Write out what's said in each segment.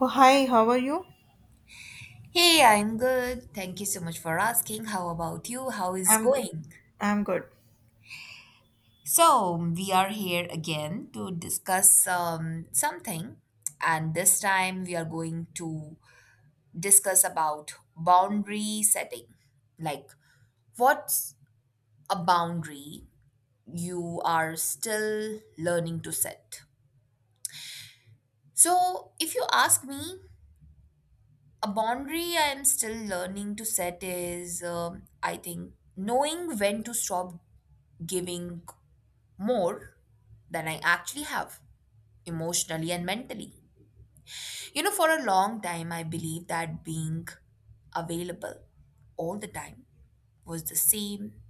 Oh, hi, how are you? Hey, I'm good. Thank you so much for asking. How about you? How is I'm good. going? I'm good. So, we are here again to discuss something, and this time we are going to discuss about boundary setting. Like, what's a boundary you are still learning to set? So, if you ask me, a boundary I am still learning to set is, I think, knowing when to stop giving more than I actually have, emotionally and mentally. You know, for a long time, I believed that being available all the time was the same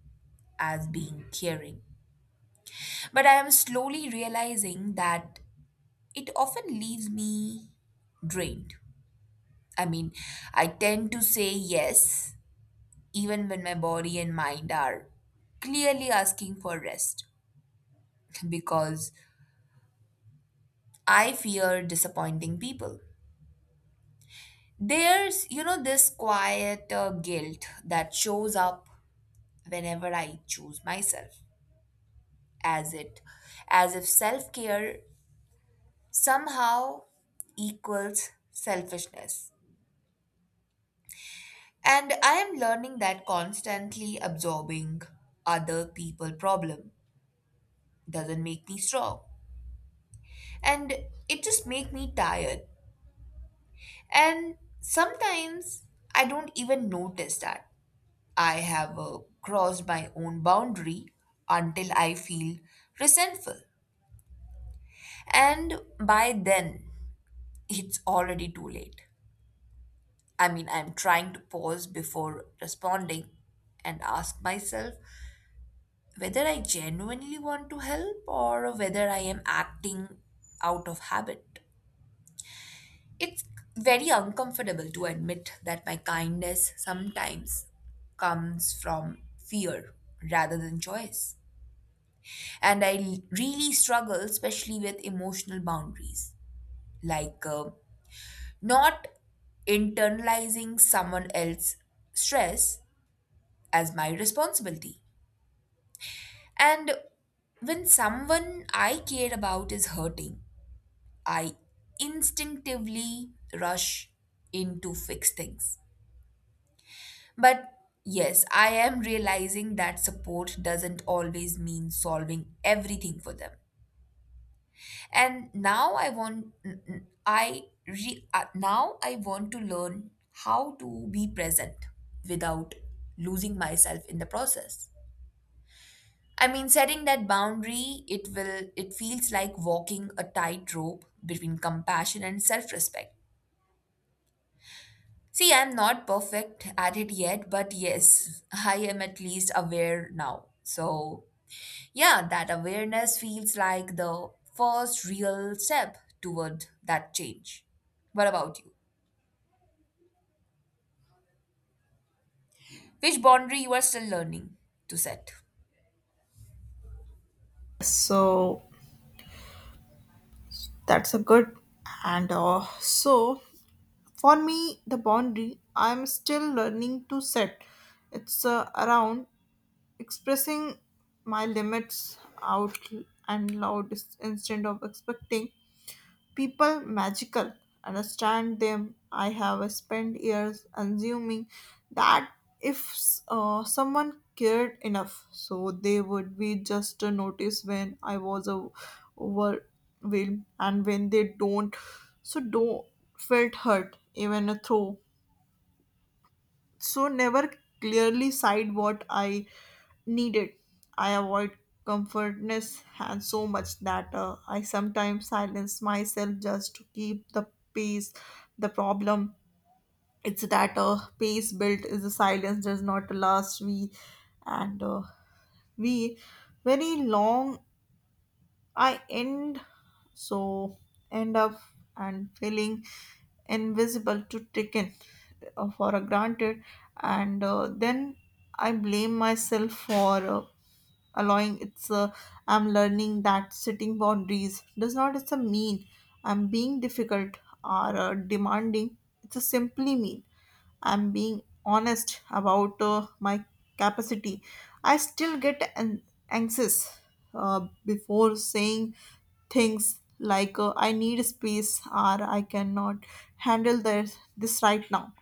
as being caring. But I am slowly realizing that it often leaves me drained. I mean, I tend to say yes even when my body and mind are clearly asking for rest because I fear disappointing people. There's this quiet guilt that shows up whenever I choose myself, as it, as if self-care somehow equals selfishness. And I am learning that constantly absorbing other people' problem doesn't make me strong, and it just make me tired. And sometimes I don't even notice that. I have crossed my own boundary until I feel resentful. And by then, it's already too late. I mean, I'm trying to pause before responding and ask myself whether I genuinely want to help or whether I am acting out of habit. It's very uncomfortable to admit that my kindness sometimes comes from fear rather than choice. And I really struggle, especially with emotional boundaries, like not internalizing someone else's stress as my responsibility. And when someone I care about is hurting, I instinctively rush in to fix things. But yes, I am realizing that support doesn't always mean solving everything for them. And now I want I re, now I want to learn how to be present without losing myself in the process. I mean, setting that boundary it feels like walking a tightrope between compassion and self respect. See, I'm not perfect at it yet, but yes, I am at least aware now. So yeah, that awareness feels like the first real step toward that change. What about you? Which boundary you are still learning to set? So that's a good. And so for me, the boundary I'm still learning to set. It's around expressing my limits out and loud instead of expecting people magical. Understand them. I have spent years assuming that if someone cared enough, so they would be just a notice when I was a overwhelmed, and when they don't, so don't felt hurt even though so never clearly cite what I needed. I avoid comfortness and so much that I sometimes silence myself just to keep the pace. The problem it's that pace built is the silence does not last we and we very long. I end so end up and feeling invisible to taken for a granted, and then I blame myself for allowing. It's I'm learning that setting boundaries does not it's a mean I'm being difficult or demanding. It's a simply mean I'm being honest about my capacity. I still get anxious before saying things like I need space or I cannot handle this right now.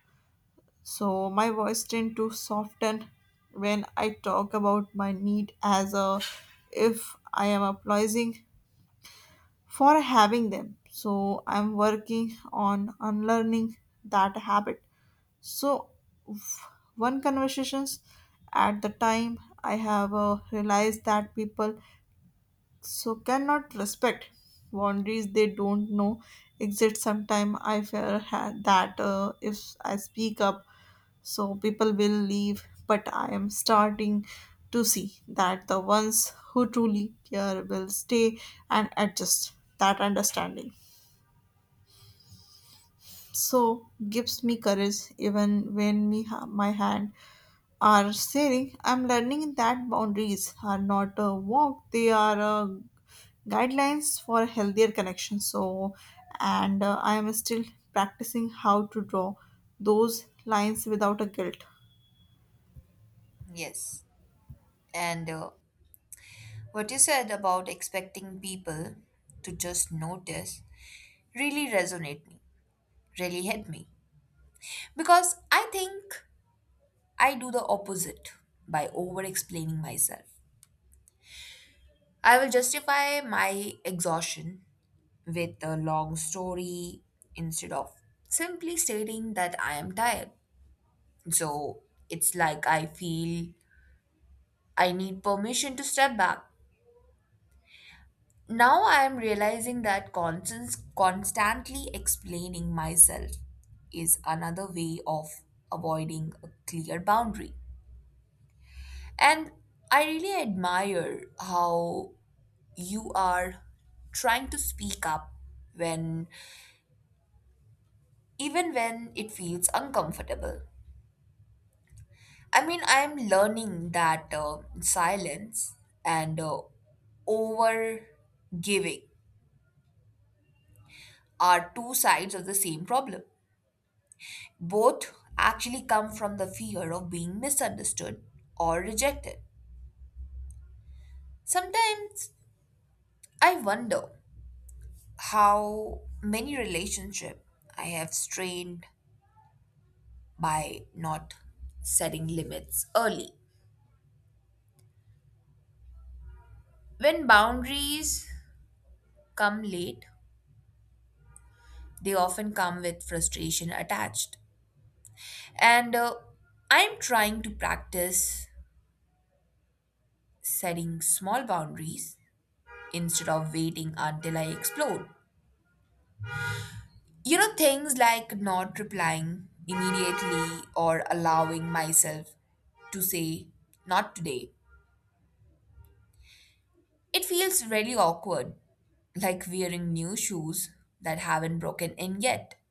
So my voice tend to soften when I talk about my need as a if I am apologizing for having them. So I'm working on unlearning that habit. So, f- one conversations at the time, I have realized that people so cannot respect boundaries they don't know exist. Sometime I fear that if I speak up, so people will leave. But I am starting to see that the ones who truly care will stay and adjust that understanding. So gives me courage even when me my hand are sharing. I'm learning that boundaries are not a walk, they are guidelines for healthier connections. So, and I am still practicing how to draw those lines without a guilt. It's Yes. And what you said about expecting people to just notice really resonate me, really hit me. Because I think I do the opposite by over explaining myself. I will justify my exhaustion with a long story instead of simply stating that I am tired. So it's like I feel I need permission to step back. Now I am realizing that constantly explaining myself is another way of avoiding a clear boundary. And I really admire how you are trying to speak up when even when it feels uncomfortable. I mean, I am learning that silence and over giving are two sides of the same problem. Both actually come from the fear of being misunderstood or rejected. Sometimes I wonder how many relationships I have strained by not setting limits early. When boundaries come late, they often come with frustration attached. And I'm trying to practice setting small boundaries instead of waiting until I explode. You know, things like not replying immediately or allowing myself to say, not today. It feels really awkward, like wearing new shoes that haven't broken in yet.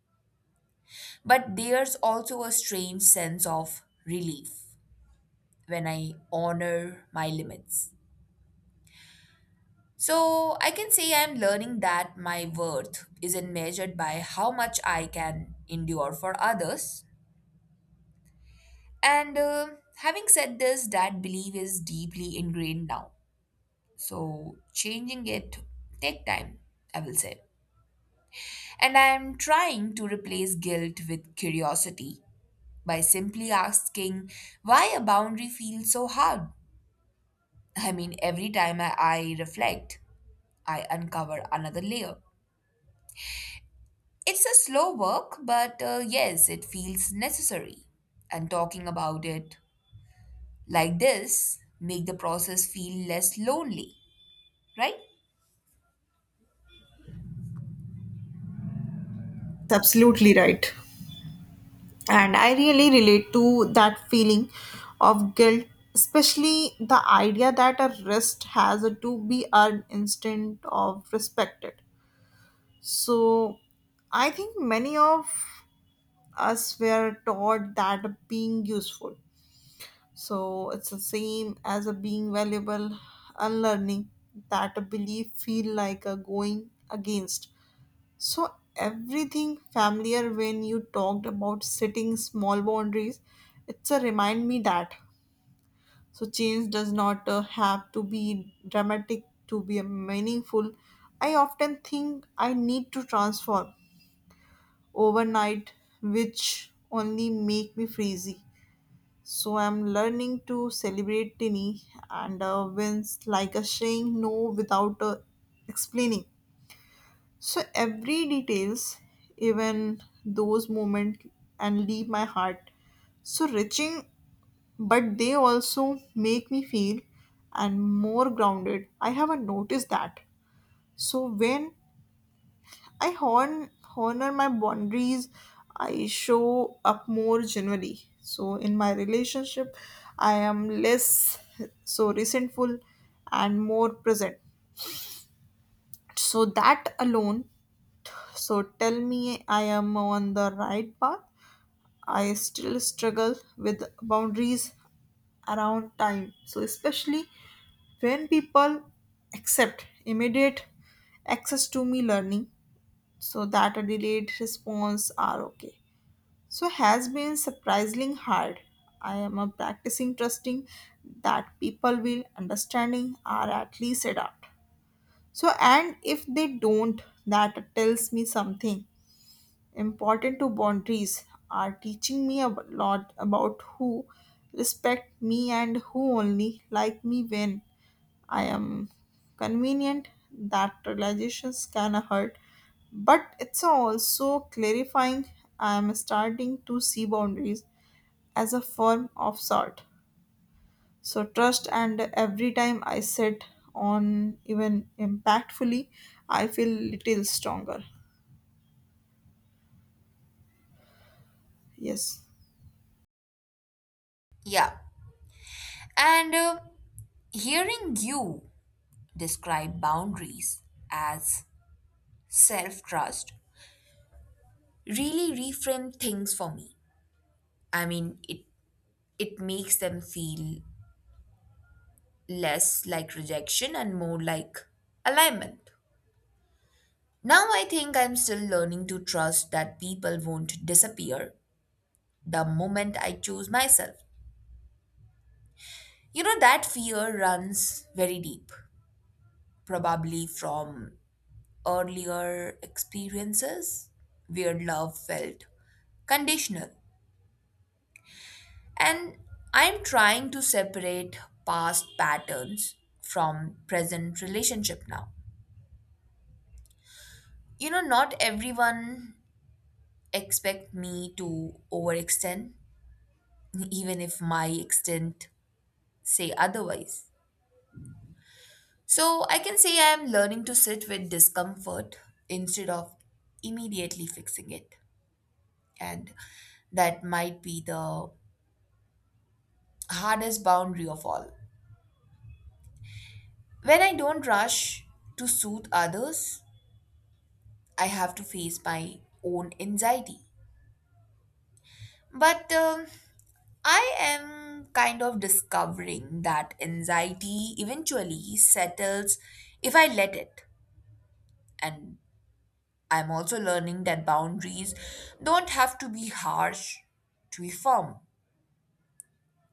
But there's also a strange sense of relief when I honor my limits. So I can say I'm learning that my worth isn't measured by how much I can endure for others. And having said this, that belief is deeply ingrained now. So changing it take time, I will say. And I'm trying to replace guilt with curiosity by simply asking why a boundary feels so hard. I mean, every time I reflect, I uncover another layer. It's a slow work, but yes, it feels necessary. And talking about it like this make the process feel less lonely, right? absolutely right. And I really relate to that feeling of guilt, especially the idea that a rest has to be earned instead of respected. So, I think many of us were taught that being useful. So it's the same as a being valuable unlearning that belief feel like a going against. So everything familiar when you talked about setting small boundaries, it's a remind me that so change does not have to be dramatic to be meaningful. I often think I need to transform overnight, which only make me freezy. So I'm learning to celebrate tiny and wins like a saying no without explaining. So every details, even those moments, and leave my heart so reaching, but they also make me feel and more grounded. I haven't noticed that. So when I honor my boundaries. I show up more generally. So in my relationship, I am less so resentful and more present. So that alone, so tell me I am on the right path. I still struggle with boundaries around time. So especially when people accept immediate access to me learning so that a delayed response are okay. So has been surprisingly hard. I am a practicing trusting that people will understanding or at least adapt. So and if they don't, that tells me something important to boundaries are teaching me a lot about who respect me and who only like me when I am convenient. That realizations can hurt but it's also clarifying. I'm starting to see boundaries as a form of sort. So trust, and every time I sit on even impactfully, I feel little stronger. Yes. Yeah. And hearing you describe boundaries as self-trust really reframe things for me. I mean, it makes them feel less like rejection and more like alignment. Now I think I'm still learning to trust that people won't disappear the moment I choose myself. You know, that fear runs very deep, probably from earlier experiences where love felt conditional. And I'm trying to separate past patterns from present relationship now. You know, not everyone expect me to overextend, even if my extent say otherwise. So I can say I am learning to sit with discomfort instead of immediately fixing it. And that might be the hardest boundary of all. When I don't rush to soothe others, I have to face my own anxiety. But I am kind of discovering that anxiety eventually settles if I let it. And I'm also learning that boundaries don't have to be harsh to be firm.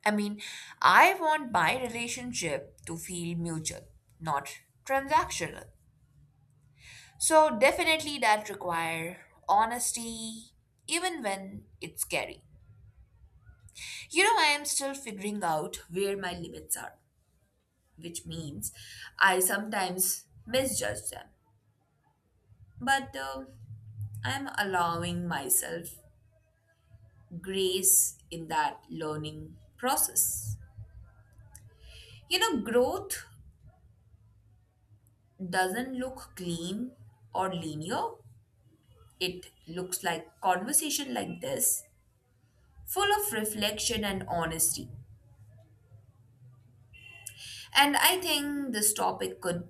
I mean, I want my relationship to feel mutual, not transactional. So definitely that require honesty even when it's scary. You know, I am still figuring out where my limits are, which means I sometimes misjudge them. But I am allowing myself grace in that learning process. You know, growth doesn't look clean or linear. It looks like conversation like this, full of reflection and honesty. And I think this topic could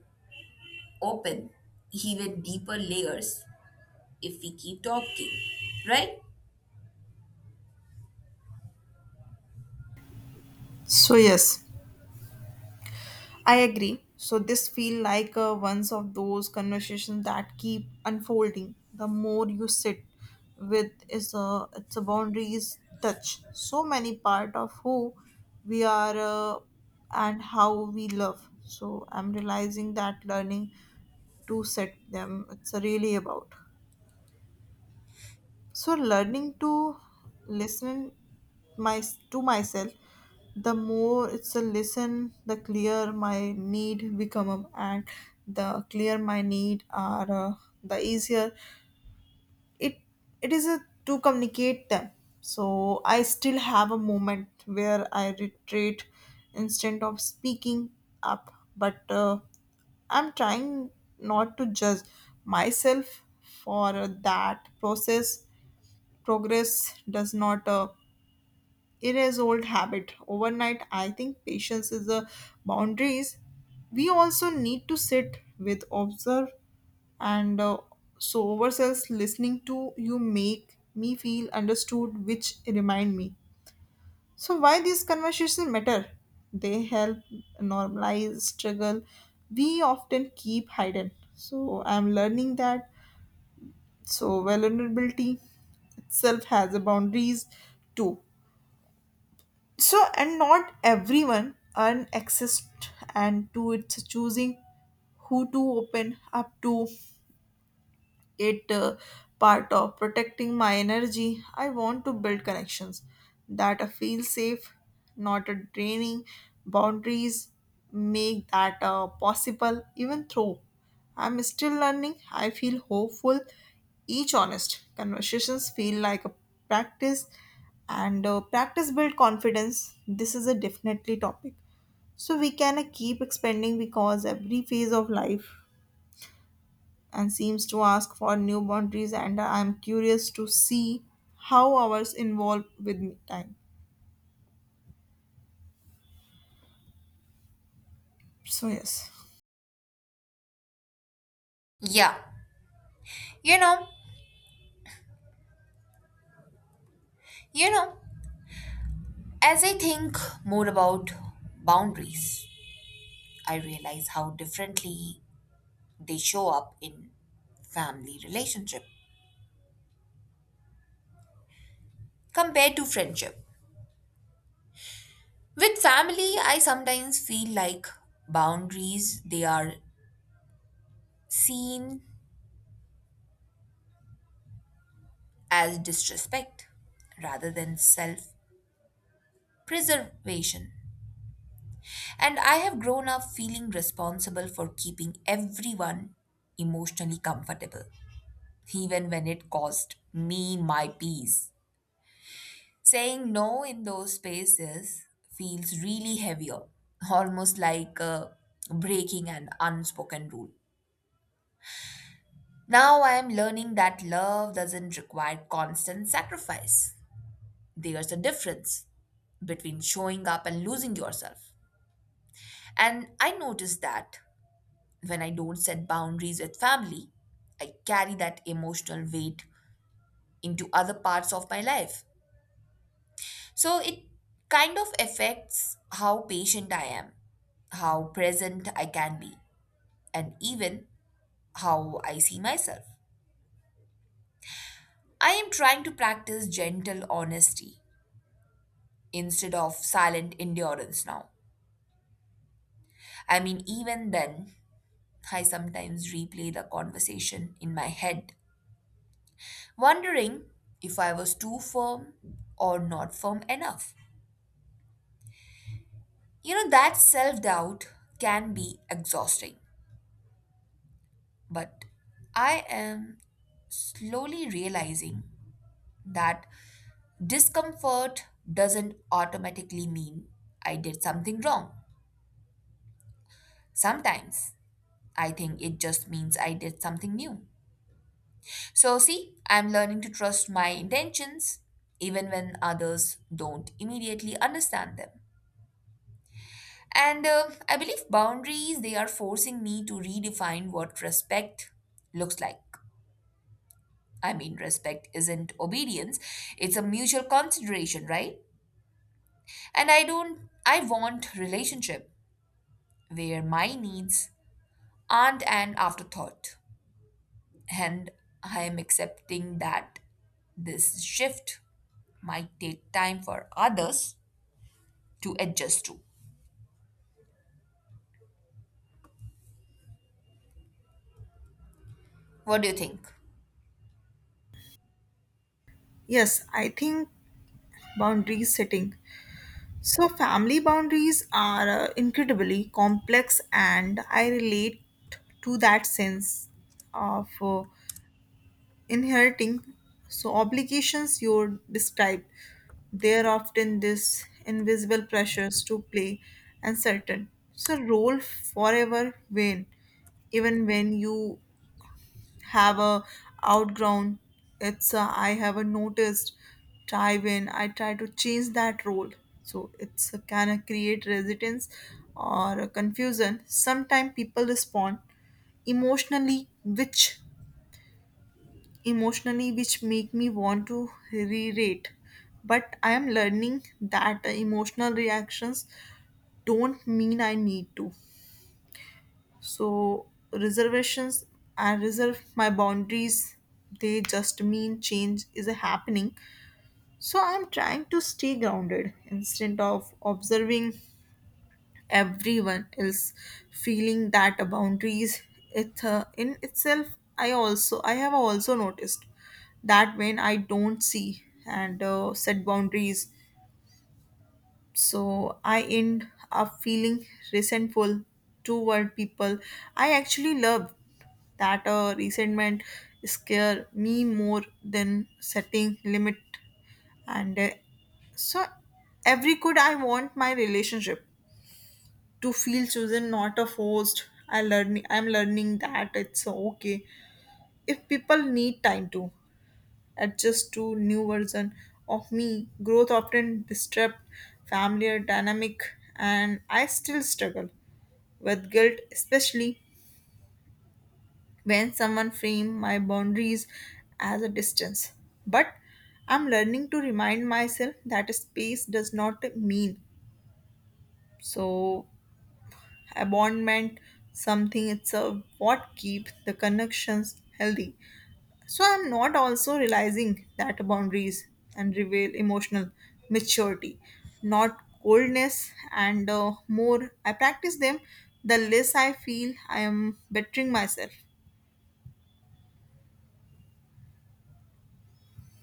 open even deeper layers if we keep talking, right? So yes, I agree. So this feel like one of those conversations that keep unfolding. The more you sit with is a it's a boundaries touch. So many part of who we are and how we love. So I'm realizing that learning to set them it's really about so learning to listen my to myself. The more it's a listen the clear my need become and the clear my need are the easier it it is a, to communicate them. So I still have a moment where I retreat instead of speaking up but I'm trying not to judge myself for that process. Progress does not erase old habit overnight. I think patience is the boundaries. We also need to sit with observe and so ourselves listening to you make me feel understood, which remind me so why these conversations matter? They help normalize struggle we often keep hidden. So I'm learning that. So vulnerability itself has a boundaries too. So and not everyone earn access and to its choosing who to open up to it part of protecting my energy. I want to build connections that I feel safe, not a draining. Boundaries make that possible, even though I'm still learning. I feel hopeful. Each honest conversations feel like a practice, and practice build confidence. This is a definitely topic so we can keep expanding because every phase of life and seems to ask for new boundaries, and I'm curious to see how ours involve with me time. So yes. Yeah. You know, you know, as I think more about boundaries, I realize how differently they show up in family relationship compared to friendship. With family, I sometimes feel like boundaries they are seen as disrespect rather than self preservation. And I have grown up feeling responsible for keeping everyone emotionally comfortable even when it cost me my peace. Saying no in those spaces feels really heavier, almost like breaking an unspoken rule. Now I am learning that love doesn't require constant sacrifice. There's a difference between showing up and losing yourself. And I notice that when I don't set boundaries with family, I carry that emotional weight into other parts of my life. So it kind of affects how patient I am, how present I can be, and even how I see myself. I am trying to practice gentle honesty instead of silent endurance now. I mean, even then, I sometimes replay the conversation in my head, wondering if I was too firm or not firm enough. You know, that self doubt can be exhausting. But I am slowly realizing that discomfort doesn't automatically mean I did something wrong. Sometimes I think it just means I did something new. So, see, I'm learning to trust my intentions even when others don't immediately understand them. And I believe boundaries, they are forcing me to redefine what respect looks like. I mean, respect isn't obedience, it's a mutual consideration, right? And I don't, I want relationship where my needs aren't an afterthought. And I am accepting that this shift might take time for others to adjust to. What do you think? Yes, I think boundaries setting so family boundaries are incredibly complex, and I relate to that sense of inheriting so obligations you described. There are often this invisible pressures to play and certain so role forever when even when you have a outgrown. It's a, I have a noticed try when I try to change that role so it's a, can a create resistance or a confusion. Sometimes people respond emotionally which emotionally which make me want to re-rate, but I am learning that emotional reactions don't mean I need to so reservations. I reserve my boundaries, they just mean change is happening. So I'm trying to stay grounded instead of observing everyone else feeling that a boundaries it in itself. I also i have also noticed that when I don't see and set boundaries so I end up feeling resentful toward people I actually love. That resentment scare me more than setting limit, and so every good I want my relationship to feel chosen not a forced. I'm learning that it's okay if people need time to adjust to new version of me. Growth often disrupt familiar dynamic, and I still struggle with guilt especially when someone frame my boundaries as a distance. But I'm learning to remind myself that space does not mean so abandonment. Something it's a what keeps the connections healthy. So I'm not also realizing that boundaries and reveal emotional maturity, not coldness, and more I practice them the less I feel I am bettering myself.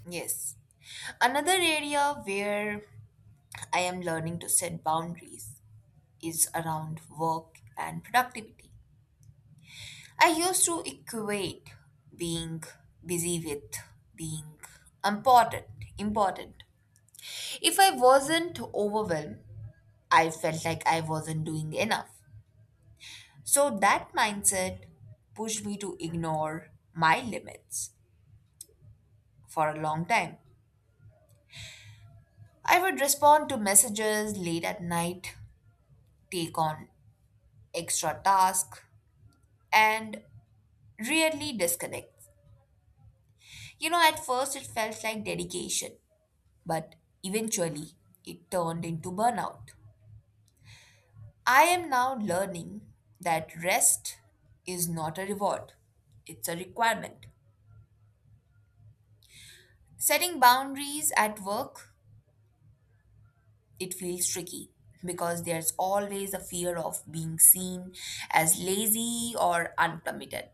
Yes. Another area where I am learning to set boundaries is around work and productivity. I used to equate being busy with being important, important. If I wasn't overwhelmed, I felt like I wasn't doing enough. So that mindset pushed me to ignore my limits for a long time. I would respond to messages late at night, take on extra tasks, and rarely disconnect. You know, at first it felt like dedication, but eventually it turned into burnout. I am now learning that rest is not a reward, it's a requirement. Setting boundaries at work, it feels tricky because there's always a fear of being seen as lazy or uncommitted.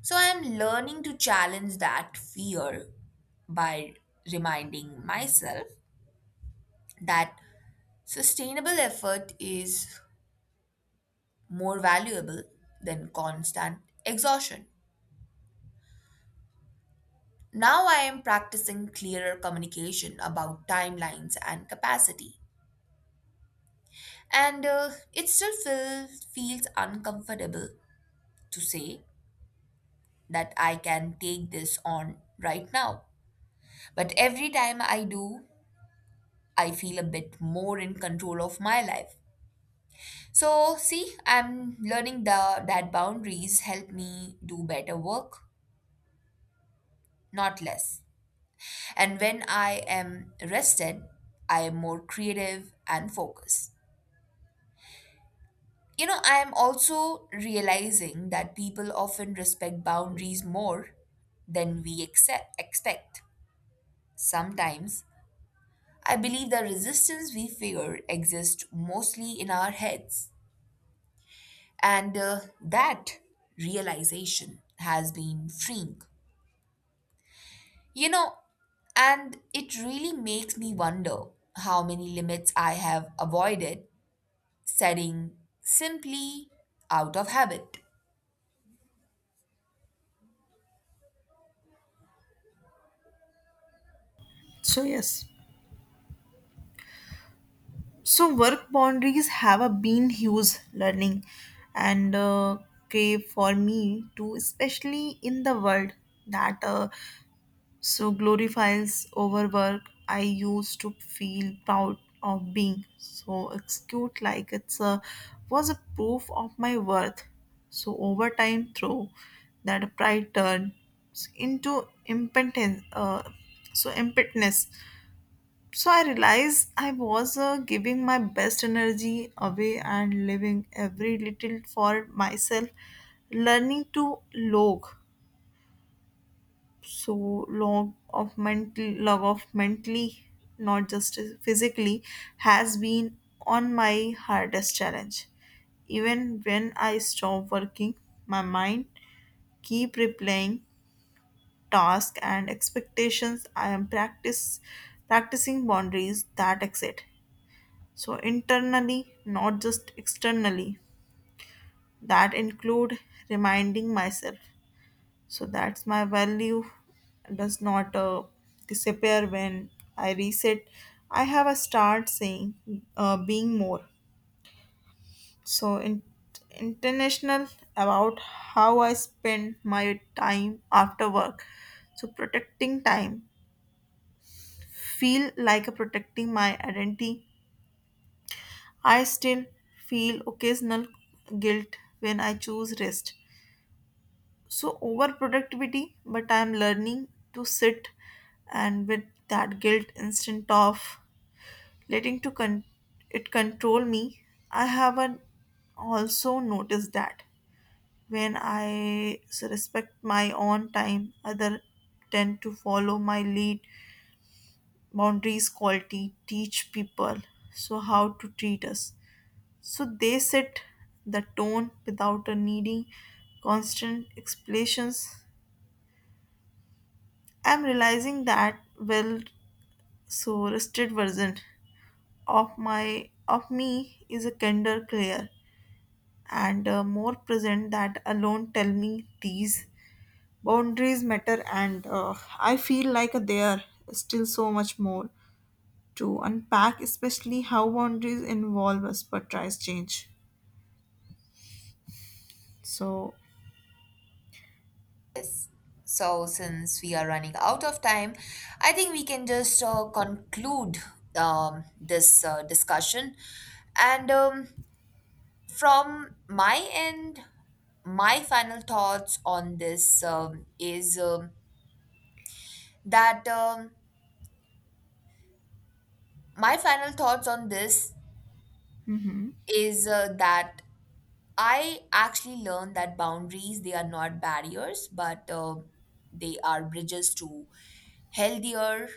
So I am learning to challenge that fear by reminding myself that sustainable effort is more valuable than constant exhaustion. Now I am practicing clearer communication about timelines and capacity. And it still feels uncomfortable to say that I can take this on right now. But every time I do, I feel a bit more in control of my life. So, see, I'm learning that boundaries help me do better work, not less. And when I am rested, I am more creative and focused. You know, I am also realizing that people often respect boundaries more than we expect. Sometimes I believe the resistance we fear exists mostly in our heads, and that realization has been freeing. You know, and it really makes me wonder how many limits I have avoided setting simply out of habit. So yes, so work boundaries have a been huge learning and crave for me too, especially in the world that so glorifies overwork. I used to feel proud of being. So it's cute like it's a was a proof of my worth. So over time through that pride turned into impotence so impotence. So I realized I was giving my best energy away and living every little for myself, learning to log so log of mentally not just physically has been on my hardest challenge. Even when I stop working my mind keep replaying tasks and expectations. I am practice practicing boundaries that exit so internally not just externally. That include reminding myself so that's my value does not disappear when I reset. I have a start saying being more so in, international about how I spend my time after work. So protecting time feel like a protecting my identity. I still feel occasional guilt when I choose rest so over productivity, but I'm learning to sit and with that guilt instant of letting to it control me. I haven't also noticed that when I respect my own time other tend to follow my lead. Boundaries quality teach people so how to treat us, so they set the tone without a needing constant explanations. I'm realizing that well so rusted version of my of me is a kinder clear and more present. That alone tell me these boundaries matter, and I feel like there is still so much more to unpack especially how boundaries involve us but tries change. So Yes. So, since we are running out of time, I think we can just conclude this discussion. And from my end, my final thoughts on this is that my final thoughts on this mhm, is that I actually learned that boundaries they are not barriers, but they are bridges to healthier,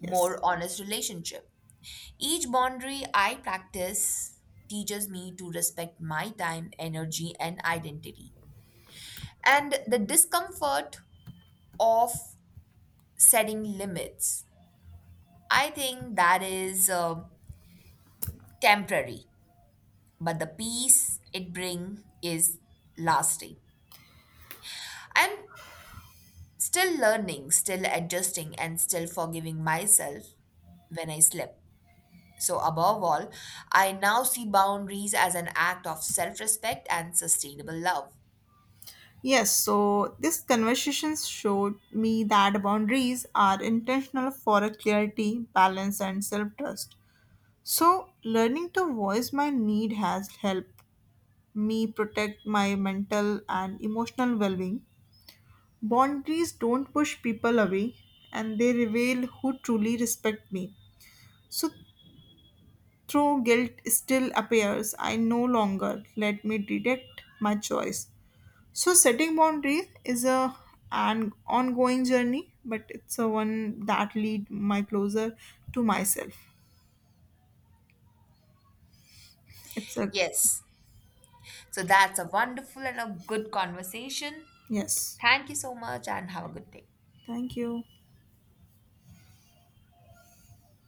more honest relationship. Each boundary I practice teaches me to respect my time, energy, and identity. And the discomfort of setting limits, I think that is temporary, but the peace it brings is lasting. I'm still learning, still adjusting, and still forgiving myself when I slip. So, above all, I now see boundaries as an act of self respect and sustainable love. Yes, so this conversation showed me that boundaries are intentional for a clarity, balance, and self trust. So, learning to voice my need has helped me protect my mental and emotional well being. Boundaries don't push people away and they reveal who truly respect me. So, though guilt still appears, I no longer let me detect my choice. So setting boundaries is a an ongoing journey, but it's a one that lead my closer to myself. It's a Yes. So, that's a wonderful and a good conversation. yes. Thank you so much, and have a good day. Thank you.